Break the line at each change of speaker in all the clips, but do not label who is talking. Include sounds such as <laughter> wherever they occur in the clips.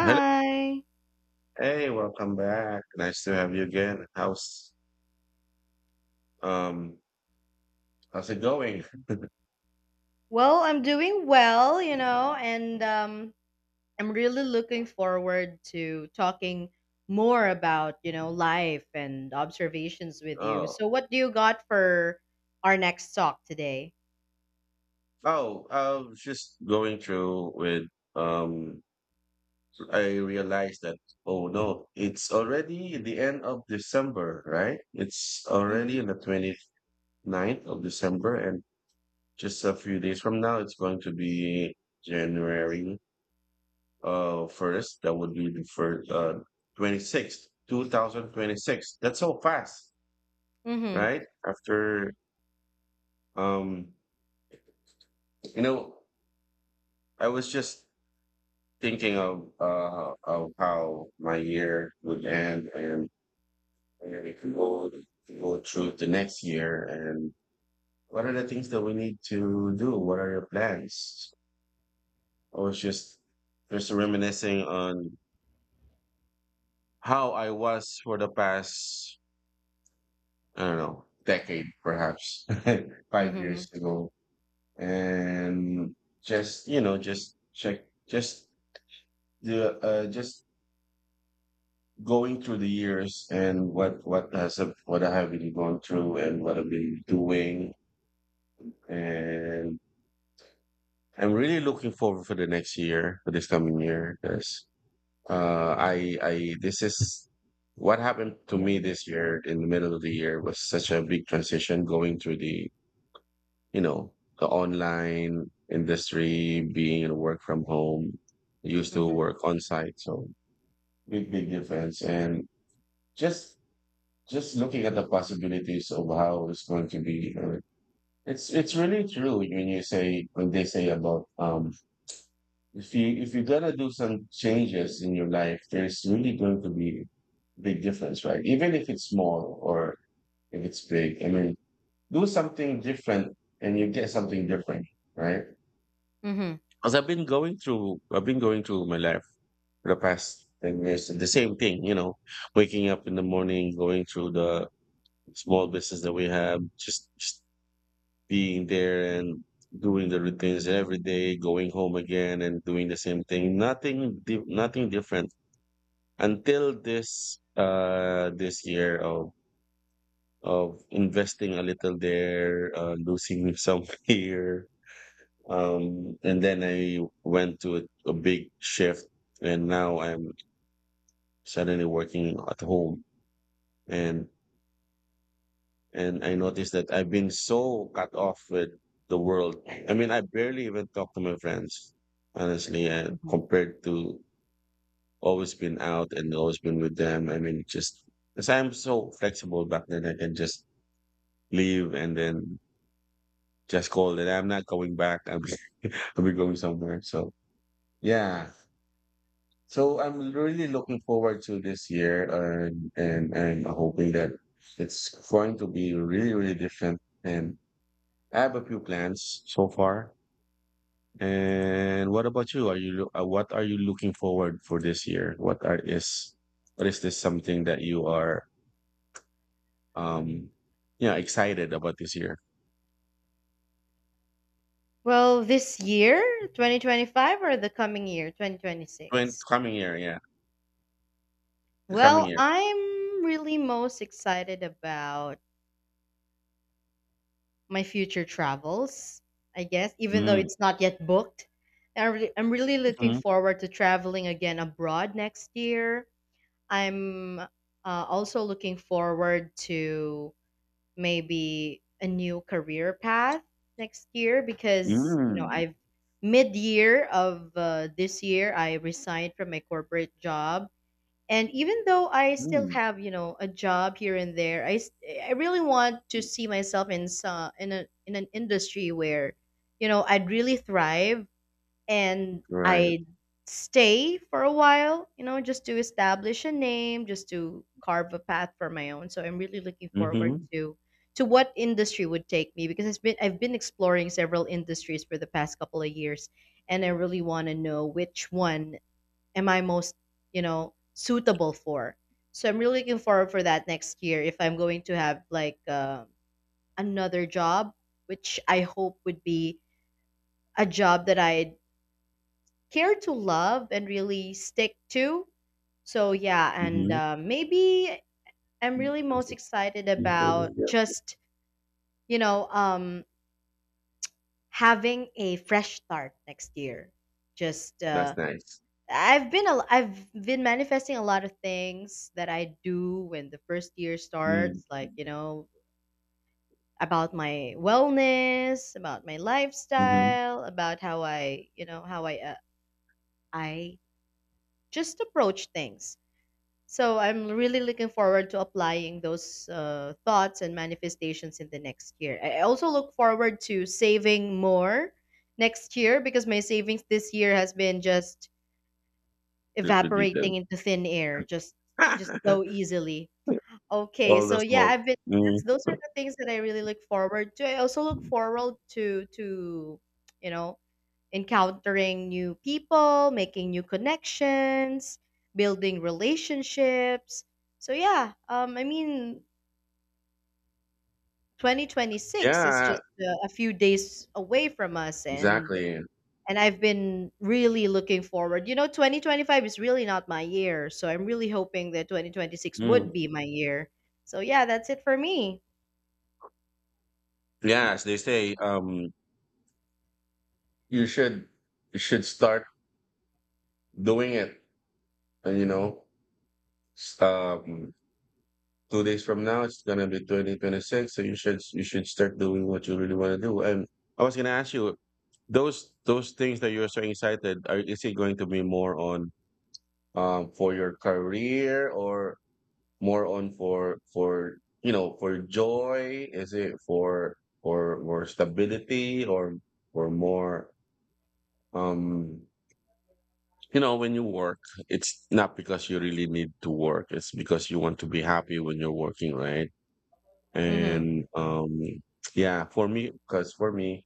Hello. Hey, welcome back. Nice to have you again. Um how's it going?
Well, I'm doing well, you know, and I'm really looking forward to talking more about, you know, life and observations with you.
Oh,
So, what do you got for our next talk today?
oh, I was just going through with, um I realized that oh no, it's already the end of December, right? It's
Mm-hmm.
already on the twenty ninth of December, and just a few days from now it's going to be January first. That would be the first 26th, 2026. That's so fast.
Mm-hmm.
Right? After um, you know, I was just thinking of how my year would end, and it can go through the next year, and what are the things that we need to do? What are your plans? I was just reminiscing on how I was for the past, I don't know, decade perhaps, <laughs> five
Mm-hmm.
years ago. And just, just check, just the, just going through the years and what I have been going through and what I've been doing. And I'm really looking forward for the next year, for this coming year, because I this is what happened to me this year. In the middle of the year was such a big transition, going through the, you know the online industry, being in work from home. Used to
Mm-hmm.
work on site, so big difference. And just, looking at the possibilities of how it's going to be. Or it's really true when you say when they say about, if you if you're gonna do some changes in your life, there's really going to be big difference, right? Even if it's small, or if it's big, I mean, do something different and you get something different, right?
Mm-hmm.
Because I've been going through my life for the past 10 years the same thing, you know, waking up in the morning, going through the small business that we have, just, being there and doing the routines every day, going home again and doing the same thing. Nothing, nothing different until this, this year of, investing a little there, losing some <laughs> here. And then I went to a, big shift, and now I'm suddenly working at home. And And I noticed that I've been so cut off with the world. I mean, I barely even talk to my friends, honestly, and
Hmm.
compared to always been out and always been with them. I mean, just because I'm so flexible back then, I can just leave and then just call that I'm not going back. I'm <laughs> I'll be going somewhere. So yeah. So I'm really looking forward to this year, and I'm hoping that it's going to be really, really different. And I have a few plans so far. And what about you? What are you looking forward for this year? What is this something that you are, um yeah, excited about this year?
Well, this year, 2025, or the coming year,
When
2026?
coming year, yeah, the coming
Well,
year.
I'm really most excited about my future travels, I guess, even though
Mm,
it's not yet booked. And I'm really looking
mhm,
forward to traveling again abroad next year. I'm also looking forward to maybe a new career path next year because, you know,
mm,
I've mid year of this year, I resigned from my corporate job, and even though I still
mm.
have, you know, a job here and there, I really want to see myself in some in a in an industry where, you know, I'd really thrive, and
Right.
I'd stay for a while, you know, just to establish a name, just to carve a path for my own. So I'm really looking forward
Mm-hmm.
to what industry would take me, because it's been I've been exploring several industries for the past couple of years, and I really want to know which one am I most, you know, suitable for. So I'm really looking forward for that next year if I'm going to have like another job, which I hope would be a job that I care to love and really stick to. So yeah, and
Mm-hmm.
maybe I'm really most
Mm-hmm.
excited about just, you know, having a fresh start next year. Just
That's nice.
I've been manifesting a lot of things that I do when the first year
Mm,
starts, like, you know, about my wellness, about my
mm-hmm.
lifestyle, about how I, you know, how I just approach things. So I'm really looking forward to applying those thoughts and manifestations in the next year. I also look forward to saving more next year, because my savings this year has been just
Good to be
evaporating
them.
into thin air, just so easily.
<laughs>
Okay,
All the
so yeah,
smoke.
I've been
Mm.
those are the things that I really look forward to. I also look forward to, you know, encountering new people, making new connections, building relationships. So yeah, I mean, 2026 is
Yeah,
just a few days away from us,
exactly.
and I've been really looking forward. You know, 2025 is really not my year, so I'm really hoping that 2026 would
Mm.
be my year. So yeah, that's it for me.
Yeah, as they say, you should start doing it. And, s- um, 2 days from now it's gonna be 2026. So you should start doing what you really want to do. And I was gonna ask you, those things that you're so excited. Is it going to be more on, for your career, or more on, for, for joy? Is it for, for stability, or, more? um You know, when you work, it's not because you really need to work. It's because you want to be happy when you're working, right?
Mhm.
And, yeah, for me. Because for me,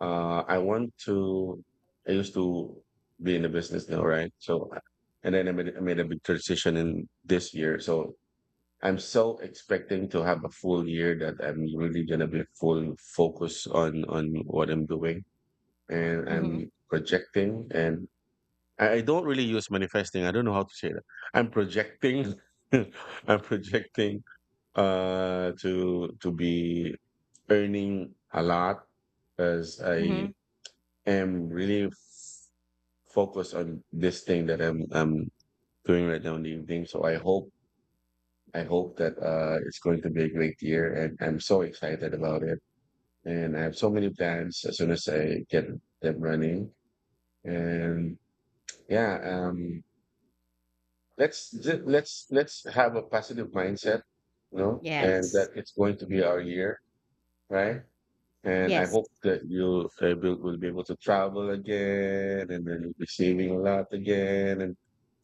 I want to. I used to be in the business now, right? So, and then I made a big transition in this year. So I'm so expecting to have a full year that I'm really gonna be full focus on, what I'm doing. And
Mhm.
I'm projecting, and I don't really use manifesting. I don't know how to say that. I'm projecting. <laughs> I'm projecting, to, be earning a lot, because I
Mhm.
am really focused on this thing that I'm doing right now in the evening. So I hope that it's going to be a great year, and I'm so excited about it. And I have so many plans as soon as I get them running. And yeah, let's, let's have a positive mindset, and that
Yes.
it's going to be our year, right? And I
Yes.
hope that you, will, be able to travel again, and then you'll be saving a lot again, and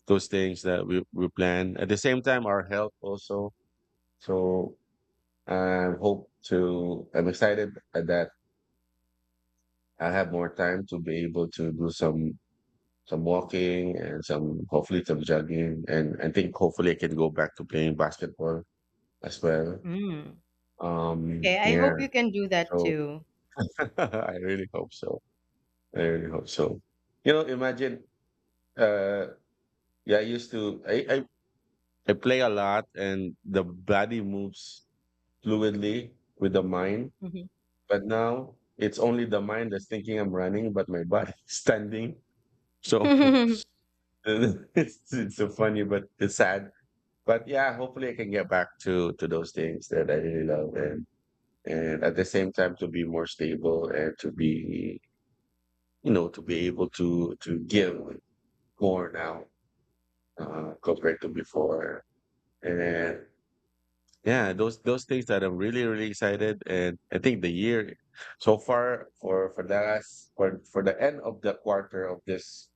those things that we, plan, at the same time our health also. So I hope to I'm excited that I have more time to be able to do some, walking and some, hopefully, some jogging. And I think hopefully I can go back to playing basketball as well.
Mm. Okay, I
Yeah,
hope you can do that
so
too.
<laughs> I really hope so. I really hope so. You know, imagine, uh, yeah. I used to, I play a lot, and the body moves fluidly with the mind,
Mhm.
but now it's only the mind that's thinking I'm running, but my body <laughs> is standing. So
<laughs>
<laughs> it's so funny, but it's sad. But yeah, hopefully I can get back to, those things that I really love, and at the same time to be more stable, and to be, to be able to, give more now, compared to before. And then, yeah, those, things that I'm really, really excited. And I think the year so far, for, the last, for, the end of the quarter of this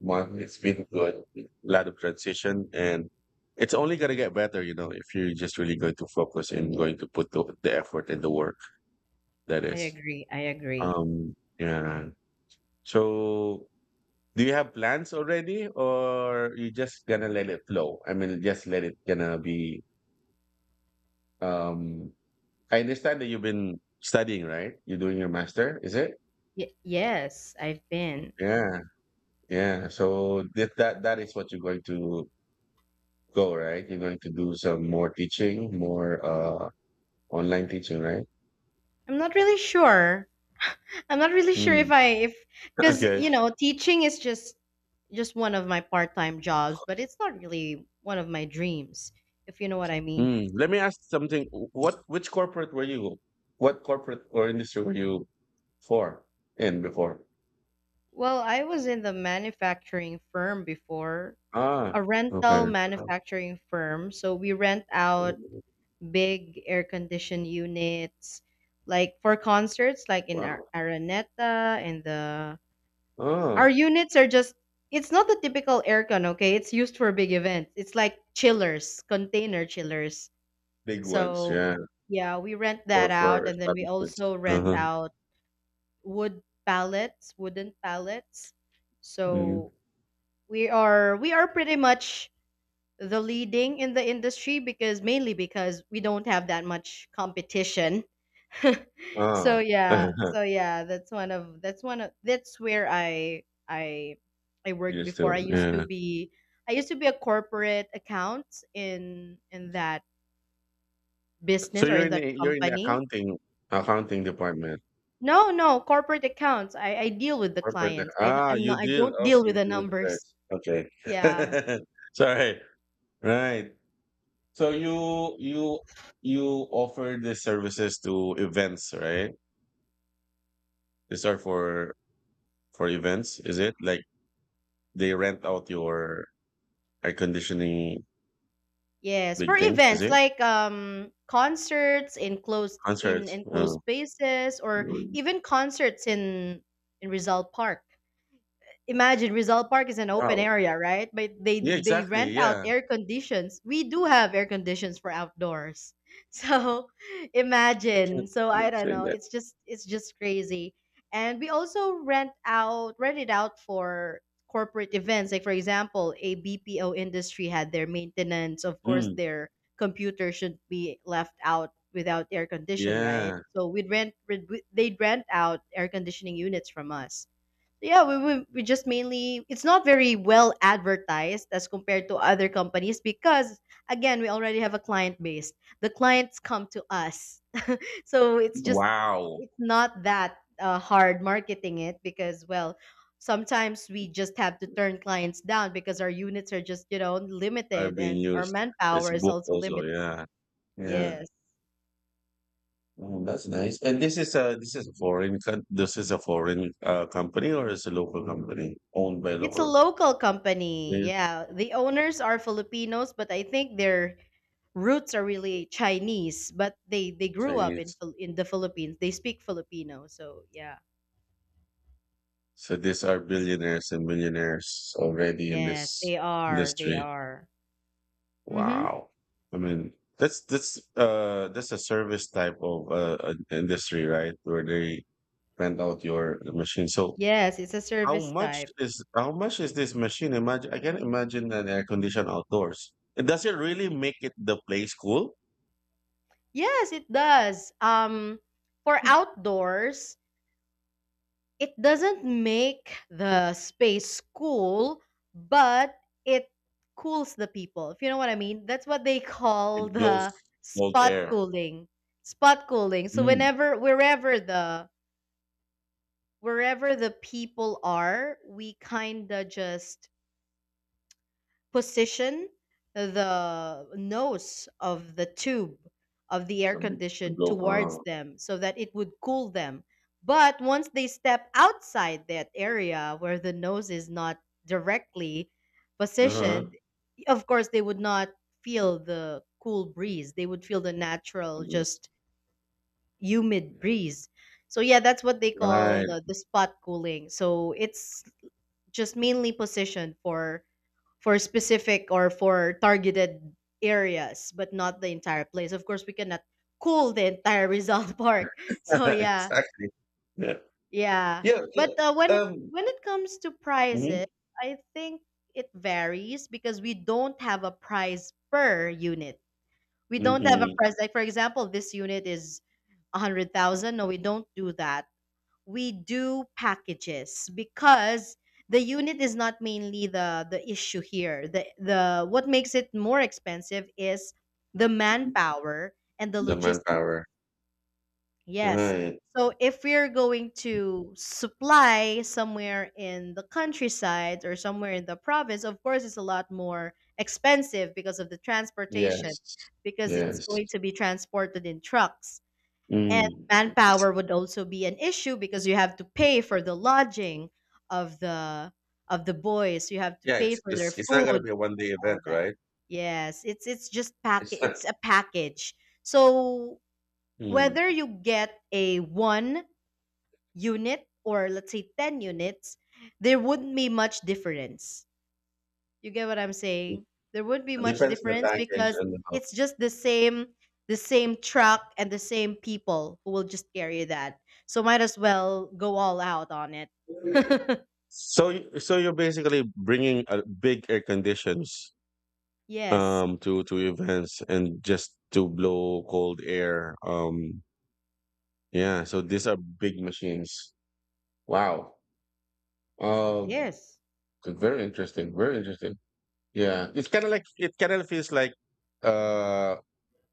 month, it's been good. A lot of transition, and it's only going to get better, if you're just really going to focus and going to put the, effort and the work that
I
is,
agree. I agree.
um yeah so. Do you have plans already, or you just gonna let it flow? I mean, just let it gonna be. Um, I understand that you've been studying, right? You're doing your master, is it?
Yes, I've been.
Yeah, yeah. So that, that is what you're going to go, right? You're going to do some more teaching, more, online teaching, right?
I'm not really sure. I'm not really sure
Mm.
if I if
<laughs>
because,
Okay.
you know, teaching is just one of my part-time jobs, but it's not really one of my dreams, if you know what I mean.
Mm. Let me ask something. What Which corporate were you? What corporate or industry were you for in before?
Well, I was in the manufacturing firm before, a
Ah,
rental
okay.
manufacturing firm. So we rent out big air conditioned units like for concerts like in
Wow.
Araneta and the our
Oh,
units are just it's not the typical aircon, okay? It's used for big events. It's like chillers, container chillers.
big ones,
So,
yeah,
yeah, we rent that
for,
out, and then we
establishments.
also rent
Uh-huh.
out wooden pallets.
Mhm.
So we are pretty much the leading in the industry, because mainly because we don't have that much competition. <laughs> So
Ah.
yeah,
<laughs>
so yeah, that's one of that's where I I worked
You
before.
still, yeah.
I used to be a corporate account in that
So
business or
you're
in
in the,
that company.
accounting, department.
No, no, corporate accounts. I deal with the
Corporate,
clients. I'm
you
not I
deal.
don't deal
Okay,
with
you
the
deal with the
numbers.
clients.
Yeah.
Okay. <laughs> Sorry. Right. So you offer the services to events, right? These are for, events, is it? Like they rent out your air conditioning,
Yes, for
big things, is
events
it?
like concerts in closed in
Concerts.
enclosed
Oh.
spaces, or
Mm.
even concerts in Rizal Park. Imagine Rizal Park is an open
Wow.
area, right? But
Yeah,
they
exactly.
rent out
Yeah.
air conditions. We do have air conditions for outdoors. <laughs> So
I
imagine.
can't
So I don't
say
know.
that.
It's just crazy. And we also rent it out for corporate events. Like for example, a BPO industry had their maintenance. Of course,
Mm.
their computer should be left out without air condition, right?
Yeah.
So they'd rent out air conditioning units from us. Yeah, we just mainly it's not very well advertised as compared to other companies, because again, we already have a client base, the clients come to us. <laughs> So it's just
Wow.
it's not that hard marketing it, because well, sometimes we just have to turn clients down, because our units are just, you know,
Are
limited,
being
and our
used. There's
manpower is
book
also
also.
limited.
Yeah. Yeah.
Yes,
Oh, that's nice. And this is a, this is a foreign, company, or is a local company, owned by
it's a
local
local company.
company?
Yeah, the owners are Filipinos, but I think they're roots are really Chinese, but they grew up in
Chinese.
In the Philippines. They speak Filipino, so yeah.
So these are billionaires and millionaires already in
Yes,
this
they are. They
industry.
are. Mm-hmm.
Wow. I mean, that's a service type of, industry, right? Where they rent out your machine. So
Yes, it's a
how
service
much
type.
is, this machine? Imagine I can imagine an air conditioned outdoors. And does it really make it the place cool?
Yes, it does. For outdoors, it doesn't make the space cool, but it cools the people. If you know what I mean, that's what they <laughs> call
It blows
the
cold
spot
air.
cooling. Spot cooling. So
Mm.
whenever, wherever the people are, we kind of just position the nose of the tube of the air
From the,
condition
blow,
towards
oh,
them so that it would cool them. But once they step outside that area where the nose is not directly
uh-huh.
positioned, of course, they would not feel the cool breeze. They would feel the natural,
Obvious.
just humid breeze. So yeah, that's what they call
Right.
the spot cooling. So it's just mainly positioned for specific or for targeted areas, but not the entire place. Of course, we cannot cool the entire Rizal <laughs> Park. So
<laughs>
yeah,
Exactly. Yeah.
yeah.
Yeah,
But
yeah. Um,
when it comes to prices,
mhm,
I think it varies, because we don't have a price per unit. We don't have a
mhm.
price, like for example, this unit is 100,000. No, we don't do that. We do packages, because the unit is not mainly the issue here. The what makes it more expensive is the manpower and the
The
logistics.
manpower.
Yes.
Right.
So if we're going to supply somewhere in the countryside or somewhere in the province, of course it's a lot more expensive because of the transportation,
Yes.
because it's
Yes.
going to be transported in trucks, and
Mm. It's-
manpower would also be an issue, because you have to pay for the lodging of the of the boys, you have to
Yeah,
pay
it's
for their
it's it's not gonna
food,
be a 1 day event,
all that.
right?
Yes,
It's
it's
not.
a package. So
Mm.
whether you get a one unit, or let's say 10 units, there wouldn't be much difference. You get what I'm
Mm.
saying? There wouldn't be
It
much
depends on the
difference,
package
because
and the,
it's just the same, the same truck and the same people who will just carry that. So might as well go all out on it. <laughs>
so, so you're basically bringing a big air conditions,
Yes,
to, events, and just to blow cold air, yeah, so these are big machines. Wow.
it
um
is.
Very interesting, very interesting. Yeah, it kind of feels like, uh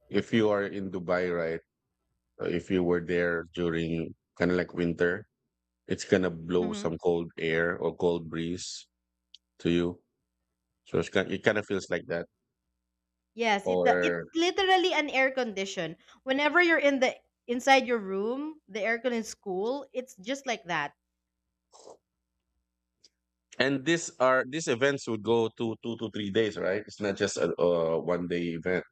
if you are in Dubai, right? If you were there during kind of like winter, it's gonna blow
Mhm.
some cold air or cold breeze to you. So it kind of feels like that,
Yes, it's
or.
literally an air condition. Whenever you're in the inside your room, the aircon in school, it's just like that.
And these events would go to 2 to 3 days, right? It's not just 1 day event,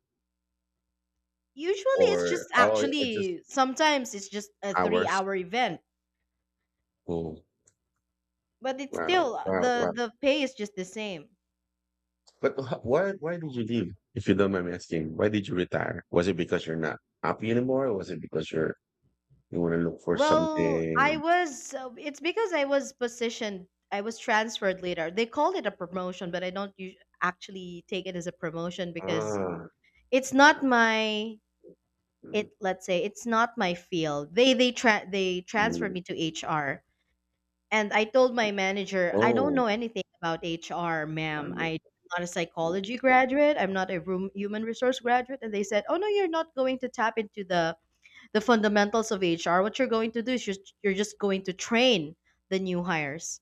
Usually it's just
or, oh, it's just
actually sometimes it's just a 3-hour
hours.
hour event,
Oh,
but it's still
wow, wow, wow.
the pay is just the same.
But, why did you leave? If you don't mind me asking, why did you retire? Was it because you're not happy anymore, or was it because you want to look for
Well, I
something?
was. It's because I was positioned. I was transferred later. They called it a promotion, but I don't actually take it as a promotion, because
Ah,
it's not my. It,
mm,
let's say, it's not my field. They transferred
mm.
me to HR, and I told my manager, I don't
Oh,
know anything about HR, ma'am.
mm,
I'm not a
mm.
psychology graduate. I'm not a room, human resource graduate. And they said, oh no, you're not going to tap into the fundamentals of HR. What you're going to do is just, you're just going to train the new hires.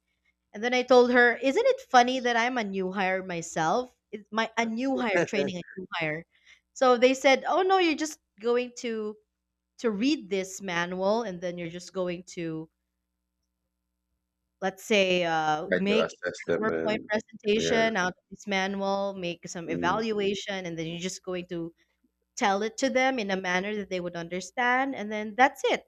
And then I told her, isn't it funny that I'm a new hire myself? It's my a new hire
<laughs>
training a new hire. So they said, oh no, you're just going to read this manual, and then you're just going to, let's say,
Try to
make
assess
a
them,
PowerPoint
and yeah,
presentation out of this manual, make some
mm,
evaluation, and then you're just going to tell it to them in a manner that they would understand, and then that's it.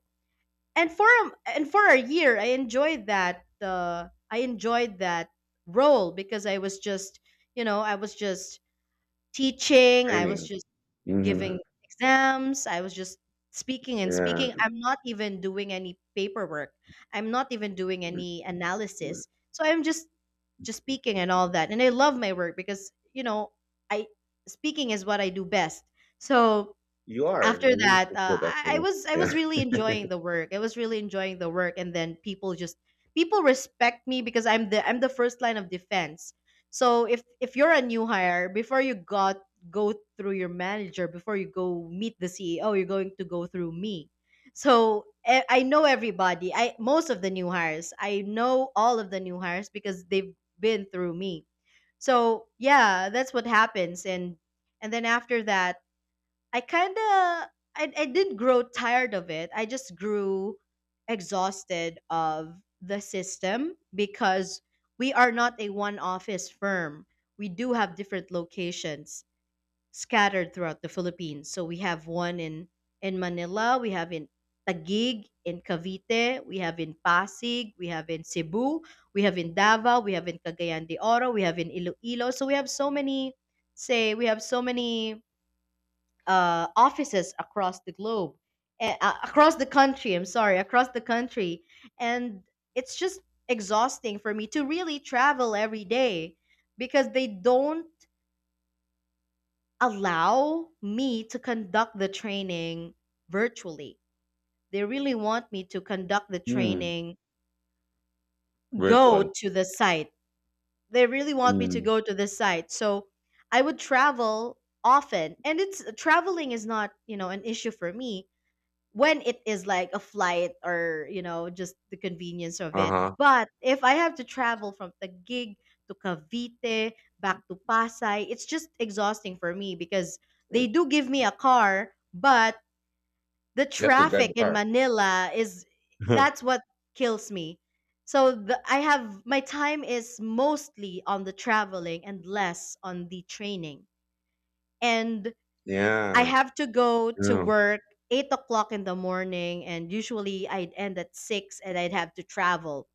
And for a, and for a year, I enjoyed that, I enjoyed that role, because I was just, you know, I was just teaching, I was
training.
just
Hmm.
giving exams, I was just speaking and
Yeah.
speaking. I'm not even doing any paperwork, I'm not even doing
Mm,
any analysis, so I'm just
mm.
speaking and all that. And I love my work, because, you know, I speaking is what I do best. So
You are.
after
You really
that,
speak good, actually.
I was
Yeah.
really
<laughs>
enjoying the work. I was really enjoying the work, and then people respect me, because I'm the first line of defense. So if you're a new hire, before you got go through your manager, before you go meet the CEO, you're going to go through me. So I know everybody. I most of the new hires. I know all of the new hires because they've been through me. So yeah, that's what happens, and then after that I kind of I didn't grow tired of it. I just grew exhausted of the system because we are not a one office firm. We do have different locations scattered throughout the Philippines. So we have one in Manila, we have in Taguig, in Cavite, we have in Pasig, we have in Cebu, we have in Davao, we have in Cagayan de Oro, we have in Iloilo. So we have so many say we have so many offices across the globe, across the country. I'm sorry, across the country, and it's just exhausting for me to really travel every day because they don't allow me to conduct the training virtually. They really want me to conduct the
Mm.
training,
Virtual.
go to the site. They really want me to
Mm.
go to the site. So I would travel often. And it's traveling is not, an issue for me when it is like a flight or just the convenience of it,
Uh-huh.
but if I have to travel from Taguig to Cavite back to Pasay, it's just exhausting for me because they do give me a car, but the
You have to drive
traffic
the
in
car.
Manila is that's
<laughs>
what kills me. So the, I have my time is mostly on the traveling and less on the training. And I
Yeah.
have to go to
No,
work 8 o'clock in the morning, and usually I'd end at 6 and I'd have to travel.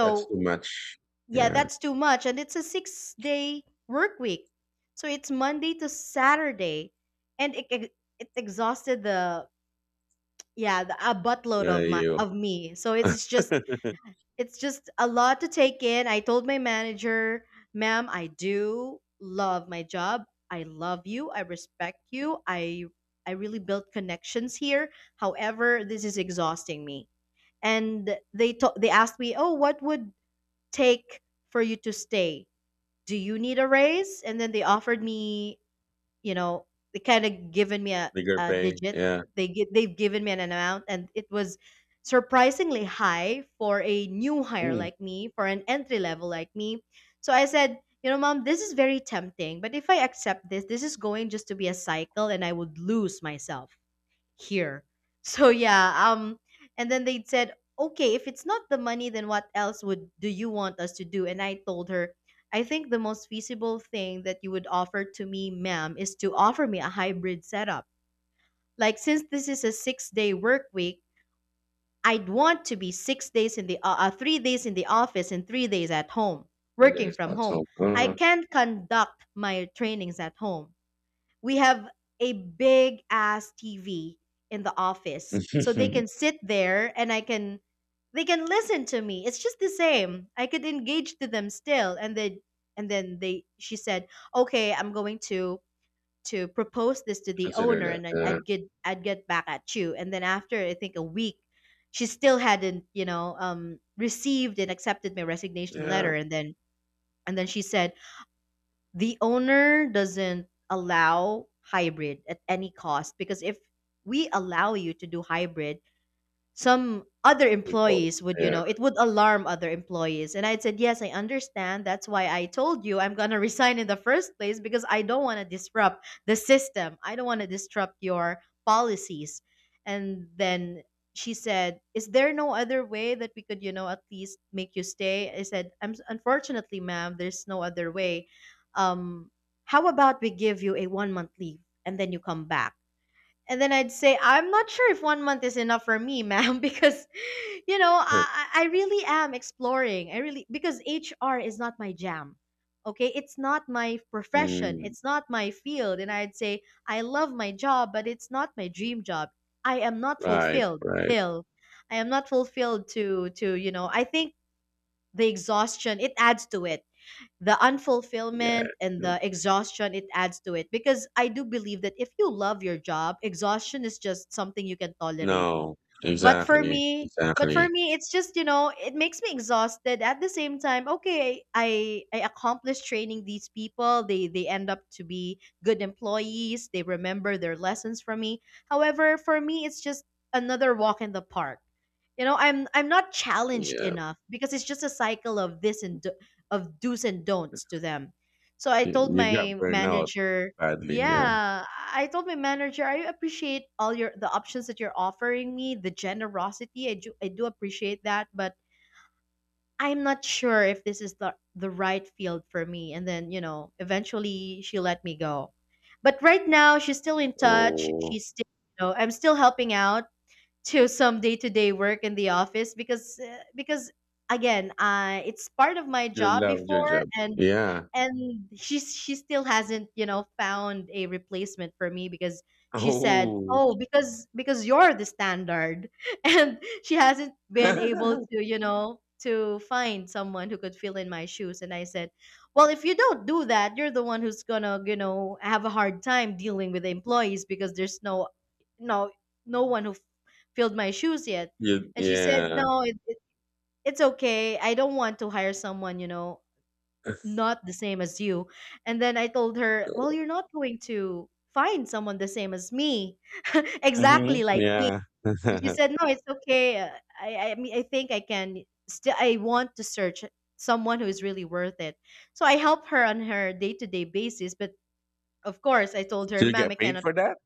that's too much.
yeah,
Yeah.
that's too much. And it's a 6 day work week. So it's Monday to Saturday. And it exhausted a buttload
Yeah,
of my
you.
of me. So
<laughs>
it's just a lot to take in. I told my manager, ma'am, I do love my job. I love you. I respect you. I really built connections here. However, this is exhausting me. And they asked me, "Oh, what would take for you to stay? Do you need a raise?" And then they offered me, you know, they kind of given me
Bigger
a
pay.
digit.
Yeah.
They've given me an amount, and it was surprisingly high for a new hire
Mm.
like me, for an entry level like me. So I said, you know, mom, this is very tempting, but if I accept this, this is going just to be a cycle, and I would lose myself here. So yeah, and then they said, "Okay, if it's not the money, then what else would do you want us to do?" And I told her, "I think the most feasible thing that you would offer to me, ma'am, is to offer me a hybrid setup. Like since this is a 6-day work week, I'd want to be 6 days in the 3 days in the office and 3 days at home,
It
working
is.
from
That's
home.
hope.
I
Uh-huh.
can conduct my trainings at home." We have a big ass TV in the office. So they
<laughs>
can sit there and I can they can listen to me. It's just the same. I could engage to them still. And then and then they she said, "Okay, I'm going to propose this to the
Consider
owner
that.
and
Yeah.
I'd get back at you." And then after I think a week, she still hadn't, you know, received and accepted my resignation
Yeah.
letter. And then she said, the owner doesn't allow hybrid at any cost because if we allow you to do hybrid, some other
People.
employees would, you
Yeah.
know, it would alarm other employees. And I said, yes, I understand. That's why I told you I'm going to <laughs> resign in the first place, because I don't want to disrupt the system. I don't want to disrupt your policies. And then she said, is there no other way that we could, you know, at least make you stay? I said, I'm unfortunately, ma'am, there's no other way. Um, how about we give you a 1 month leave and then you come back? And then I'd say, I'm not sure if 1 month is enough for me, ma'am, <laughs> because, you know,
<laughs>
I really am exploring. I really, because HR is not my jam. Okay. It's not my profession.
Mm.
It's not my field. And I'd say, I love my job, but it's not my dream job. I am not
Right.
fulfilled
Right.
still. I am not fulfilled you know, I think the exhaustion, it adds to it. The
Yeah.
unfulfillment and
Yeah.
the exhaustion it adds to it, because I do believe that if you love your job, exhaustion is just something you can tolerate.
No.
but for
Exactly.
me, but for
Exactly.
me, it's just, you know, it makes me exhausted. At the same time, okay, I accomplished training these people. They end up to be good employees. They remember their lessons from me. However, for me, it's just another walk in the park. You know, I'm not challenged
Yeah.
enough, because it's just a cycle of this and do, of do's and don'ts to them. So I
You,
told
you got
my
burned out
manager,
badly. Yeah.
yeah, I told my manager, I appreciate all your the options that you're offering me, the generosity. I do appreciate that, but I'm not sure if this is the right field for me. And then, you know, eventually she let me go. But right now she's still in touch.
Oh,
She's still, you know, I'm still helping out to some day-to-day work in the office, because again, I it's part of my
you
job
love your
before.
job.
And
Yeah.
she still hasn't, you know, found a replacement for me, because she said,
Oh,
oh, because you're the standard, <laughs> and she hasn't been able
<laughs>
to, you know, to find someone who could fill in my shoes. And I said, well, if you don't do that, you're the one who's gonna, you know, have a hard time dealing with the employees, because there's no no one who filled my shoes yet.
you,
And she said,
yeah.
no, it's okay, I don't want to hire someone, you know, not the same as you. And then I told her, well, you're not going to find someone the same as me, <laughs>
Hmm.
exactly like me.
Yeah.
And she
<laughs>
said, no, it's okay. I mean, I think I can still, I want to search someone who is really worth it. So I help her on her day to day basis. But of course, I told her,
Do you
ma'am, I
get paid
cannot
for that?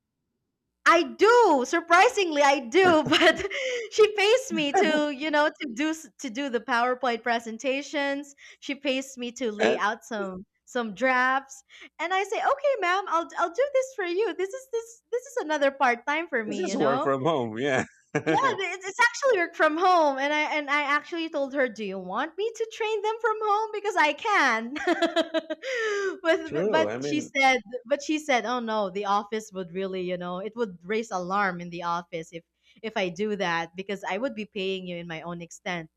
I do. Surprisingly, I do. <laughs>
<laughs>
But she pays me to, you know, to do the PowerPoint presentations. She pays me to lay
Eh,
out some drafts, and I say, "Okay, ma'am, I'll do this for you. This is another part time for
it's
me, you
just work
know."
from home. Yeah.
Yeah,
<laughs>
it's actually work from home, and I actually told her, "Do you want me to train them from home, because I can?" <laughs> but
True.
but
I
she
mean,
said, "Oh no, the office would really, you know, it would raise alarm in the office if I do that, because I would be paying you in my own extent."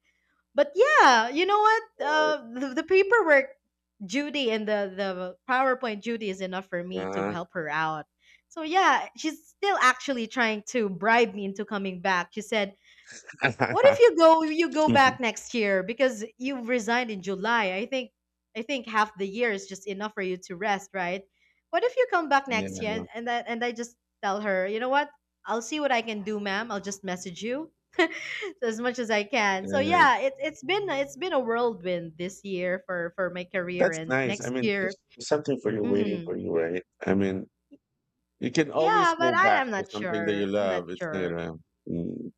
But yeah, you know what? The paperwork Judy and the PowerPoint Judy is enough for me to
uh,
help her out. So yeah, she's still actually trying to bribe me into coming back. She said, what if
<laughs>
you go back next year, because you've resigned in July? I think half the year is just enough for you to rest, right? What if you come back next year, and
yeah.
and I just tell her, "You know what? I'll see what I can do, ma'am. I'll just message you." <laughs> as much as I can. So
Yeah.
yeah, it's been a whirlwind this year for my career
That's
and
nice. I
next
mean,
year.
there's something for you, waiting
Hmm.
for you, right? I mean, you can always
Yeah, but
go
I
back
am
to
not
something that you
sure. I'm not
love. It's not
sure.
gonna. Mm.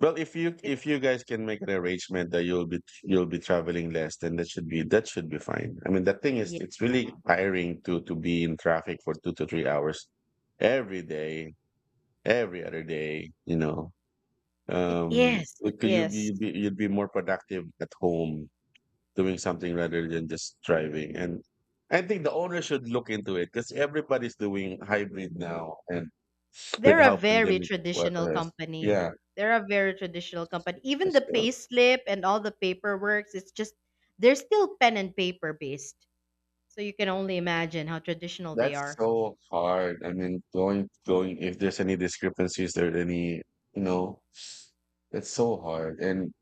Well, if
It
you guys can make an arrangement that you'll be traveling less, then that should be fine. I mean, the thing is,
yeah,
it's really tiring to, be in traffic for 2 to 3 hours every day, every other day. You know,
it is.
we
It
could,
is.
you'd be more productive at home doing something rather than just driving. And I think the owner should look into it because everybody's doing hybrid now, and
They're
with
a
how
very
pandemic it
traditional
was,
company.
yeah.
They're a very traditional company. Even the
Yes,
pay slip and all the paperwork, it's just they're still pen and paper based. So you can only imagine how traditional they
that's
are.
so hard. I mean, going, if there's any discrepancies, there any, you know, it's so hard. And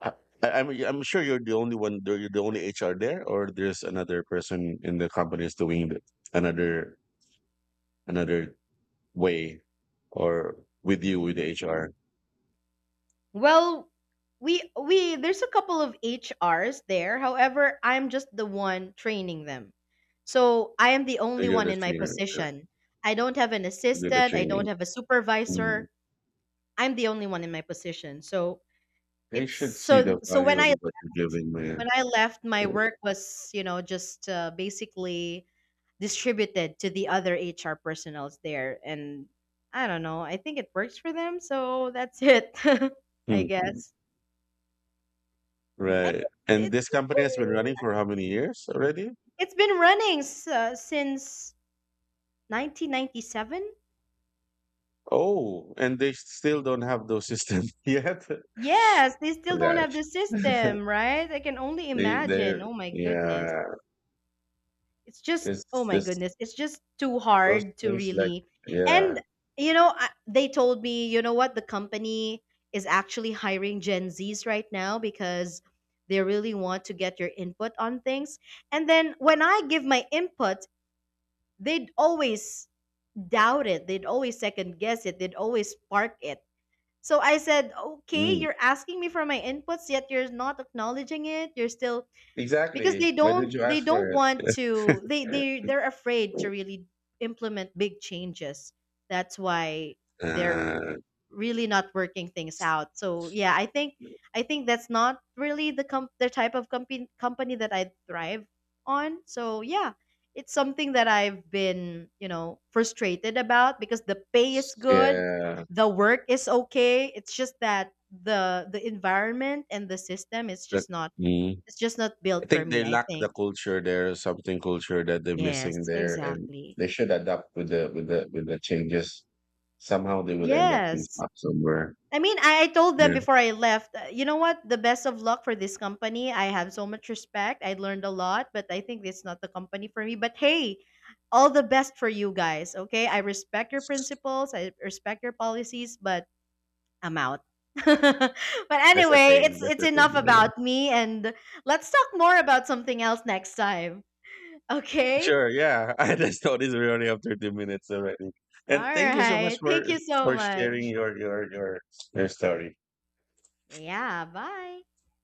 I, I'm sure you're the only one. You're the only HR there, or there's another person in the company is doing it another, another way, or with you, with the HR.
Well, we there's a couple of HRs there. However, I'm just the one training them. So I am the only
You're
one
the
in my
trainer.
position. I don't have an
You're the
assistant, I don't
training.
have a
Mm.
supervisor. I'm the only one in my position. So
They
it's
should see
so
the
so when
value of
I
what you're giving,
when
man.
I left, my work was, you know, just basically distributed to the other HR personals there. And I don't know, I think it works for them. So that's it, <laughs> I
Mm.
guess. And
Right. And this company has been running for how many years already?
it's been running since 1997.
Oh, and they still don't have those systems <laughs> yet. Gosh.
Yes, they still don't have the system, right? I can only imagine.
They're,
Oh my goodness.
yeah.
It's just, oh
It's
my
this,
goodness, it's just too
those
hard to
things like,
really.
yeah.
And they told me, you know what, the company is actually hiring gen z's right now, because they really want to get your input on things. And then when I give my input, they'd always doubt it, they'd always second guess it, they'd always park it. So I said, okay,
Mm.
you're asking me for my inputs, yet you're not acknowledging it, you're still, because
Exactly. Why did you
they
ask
don't
for it?
want to, they
<laughs>
they're afraid to really implement big changes, that's why they're
Uh,
really not working things out. So yeah, I think that's not really the type of company that I thrive on. So yeah, it's something that I've been, you know, frustrated about, because the pay is good,
yeah.
the work is okay, it's just that the environment and the system is
The-
just not,
mm.
it's just not
I
built for
think
me,
they
I
lack the
think.
culture there, something culture that they're missing
Yes,
there, and
exactly.
they should adapt with the, with the changes. Somehow they will end up being
Yes.
stuck somewhere.
I mean, I told them
Yeah,
before I left, you know what? The best of luck for this company. I have so much respect. I learned a lot, but I think it's not the company for me. But hey, all the best for you guys, okay? I respect your principles, I respect your policies, but I'm out. <laughs> But
that's the
anyway,
thing. That's
it's
the thing.
enough
Yeah.
about me, and let's talk more about something else next time. <laughs> Okay?
Sure, yeah. <laughs> I just noticed we already have 30 minutes already.
All
And thank you so much
right.
for,
Thank you so
sharing
much.
your, story.
Yeah, bye.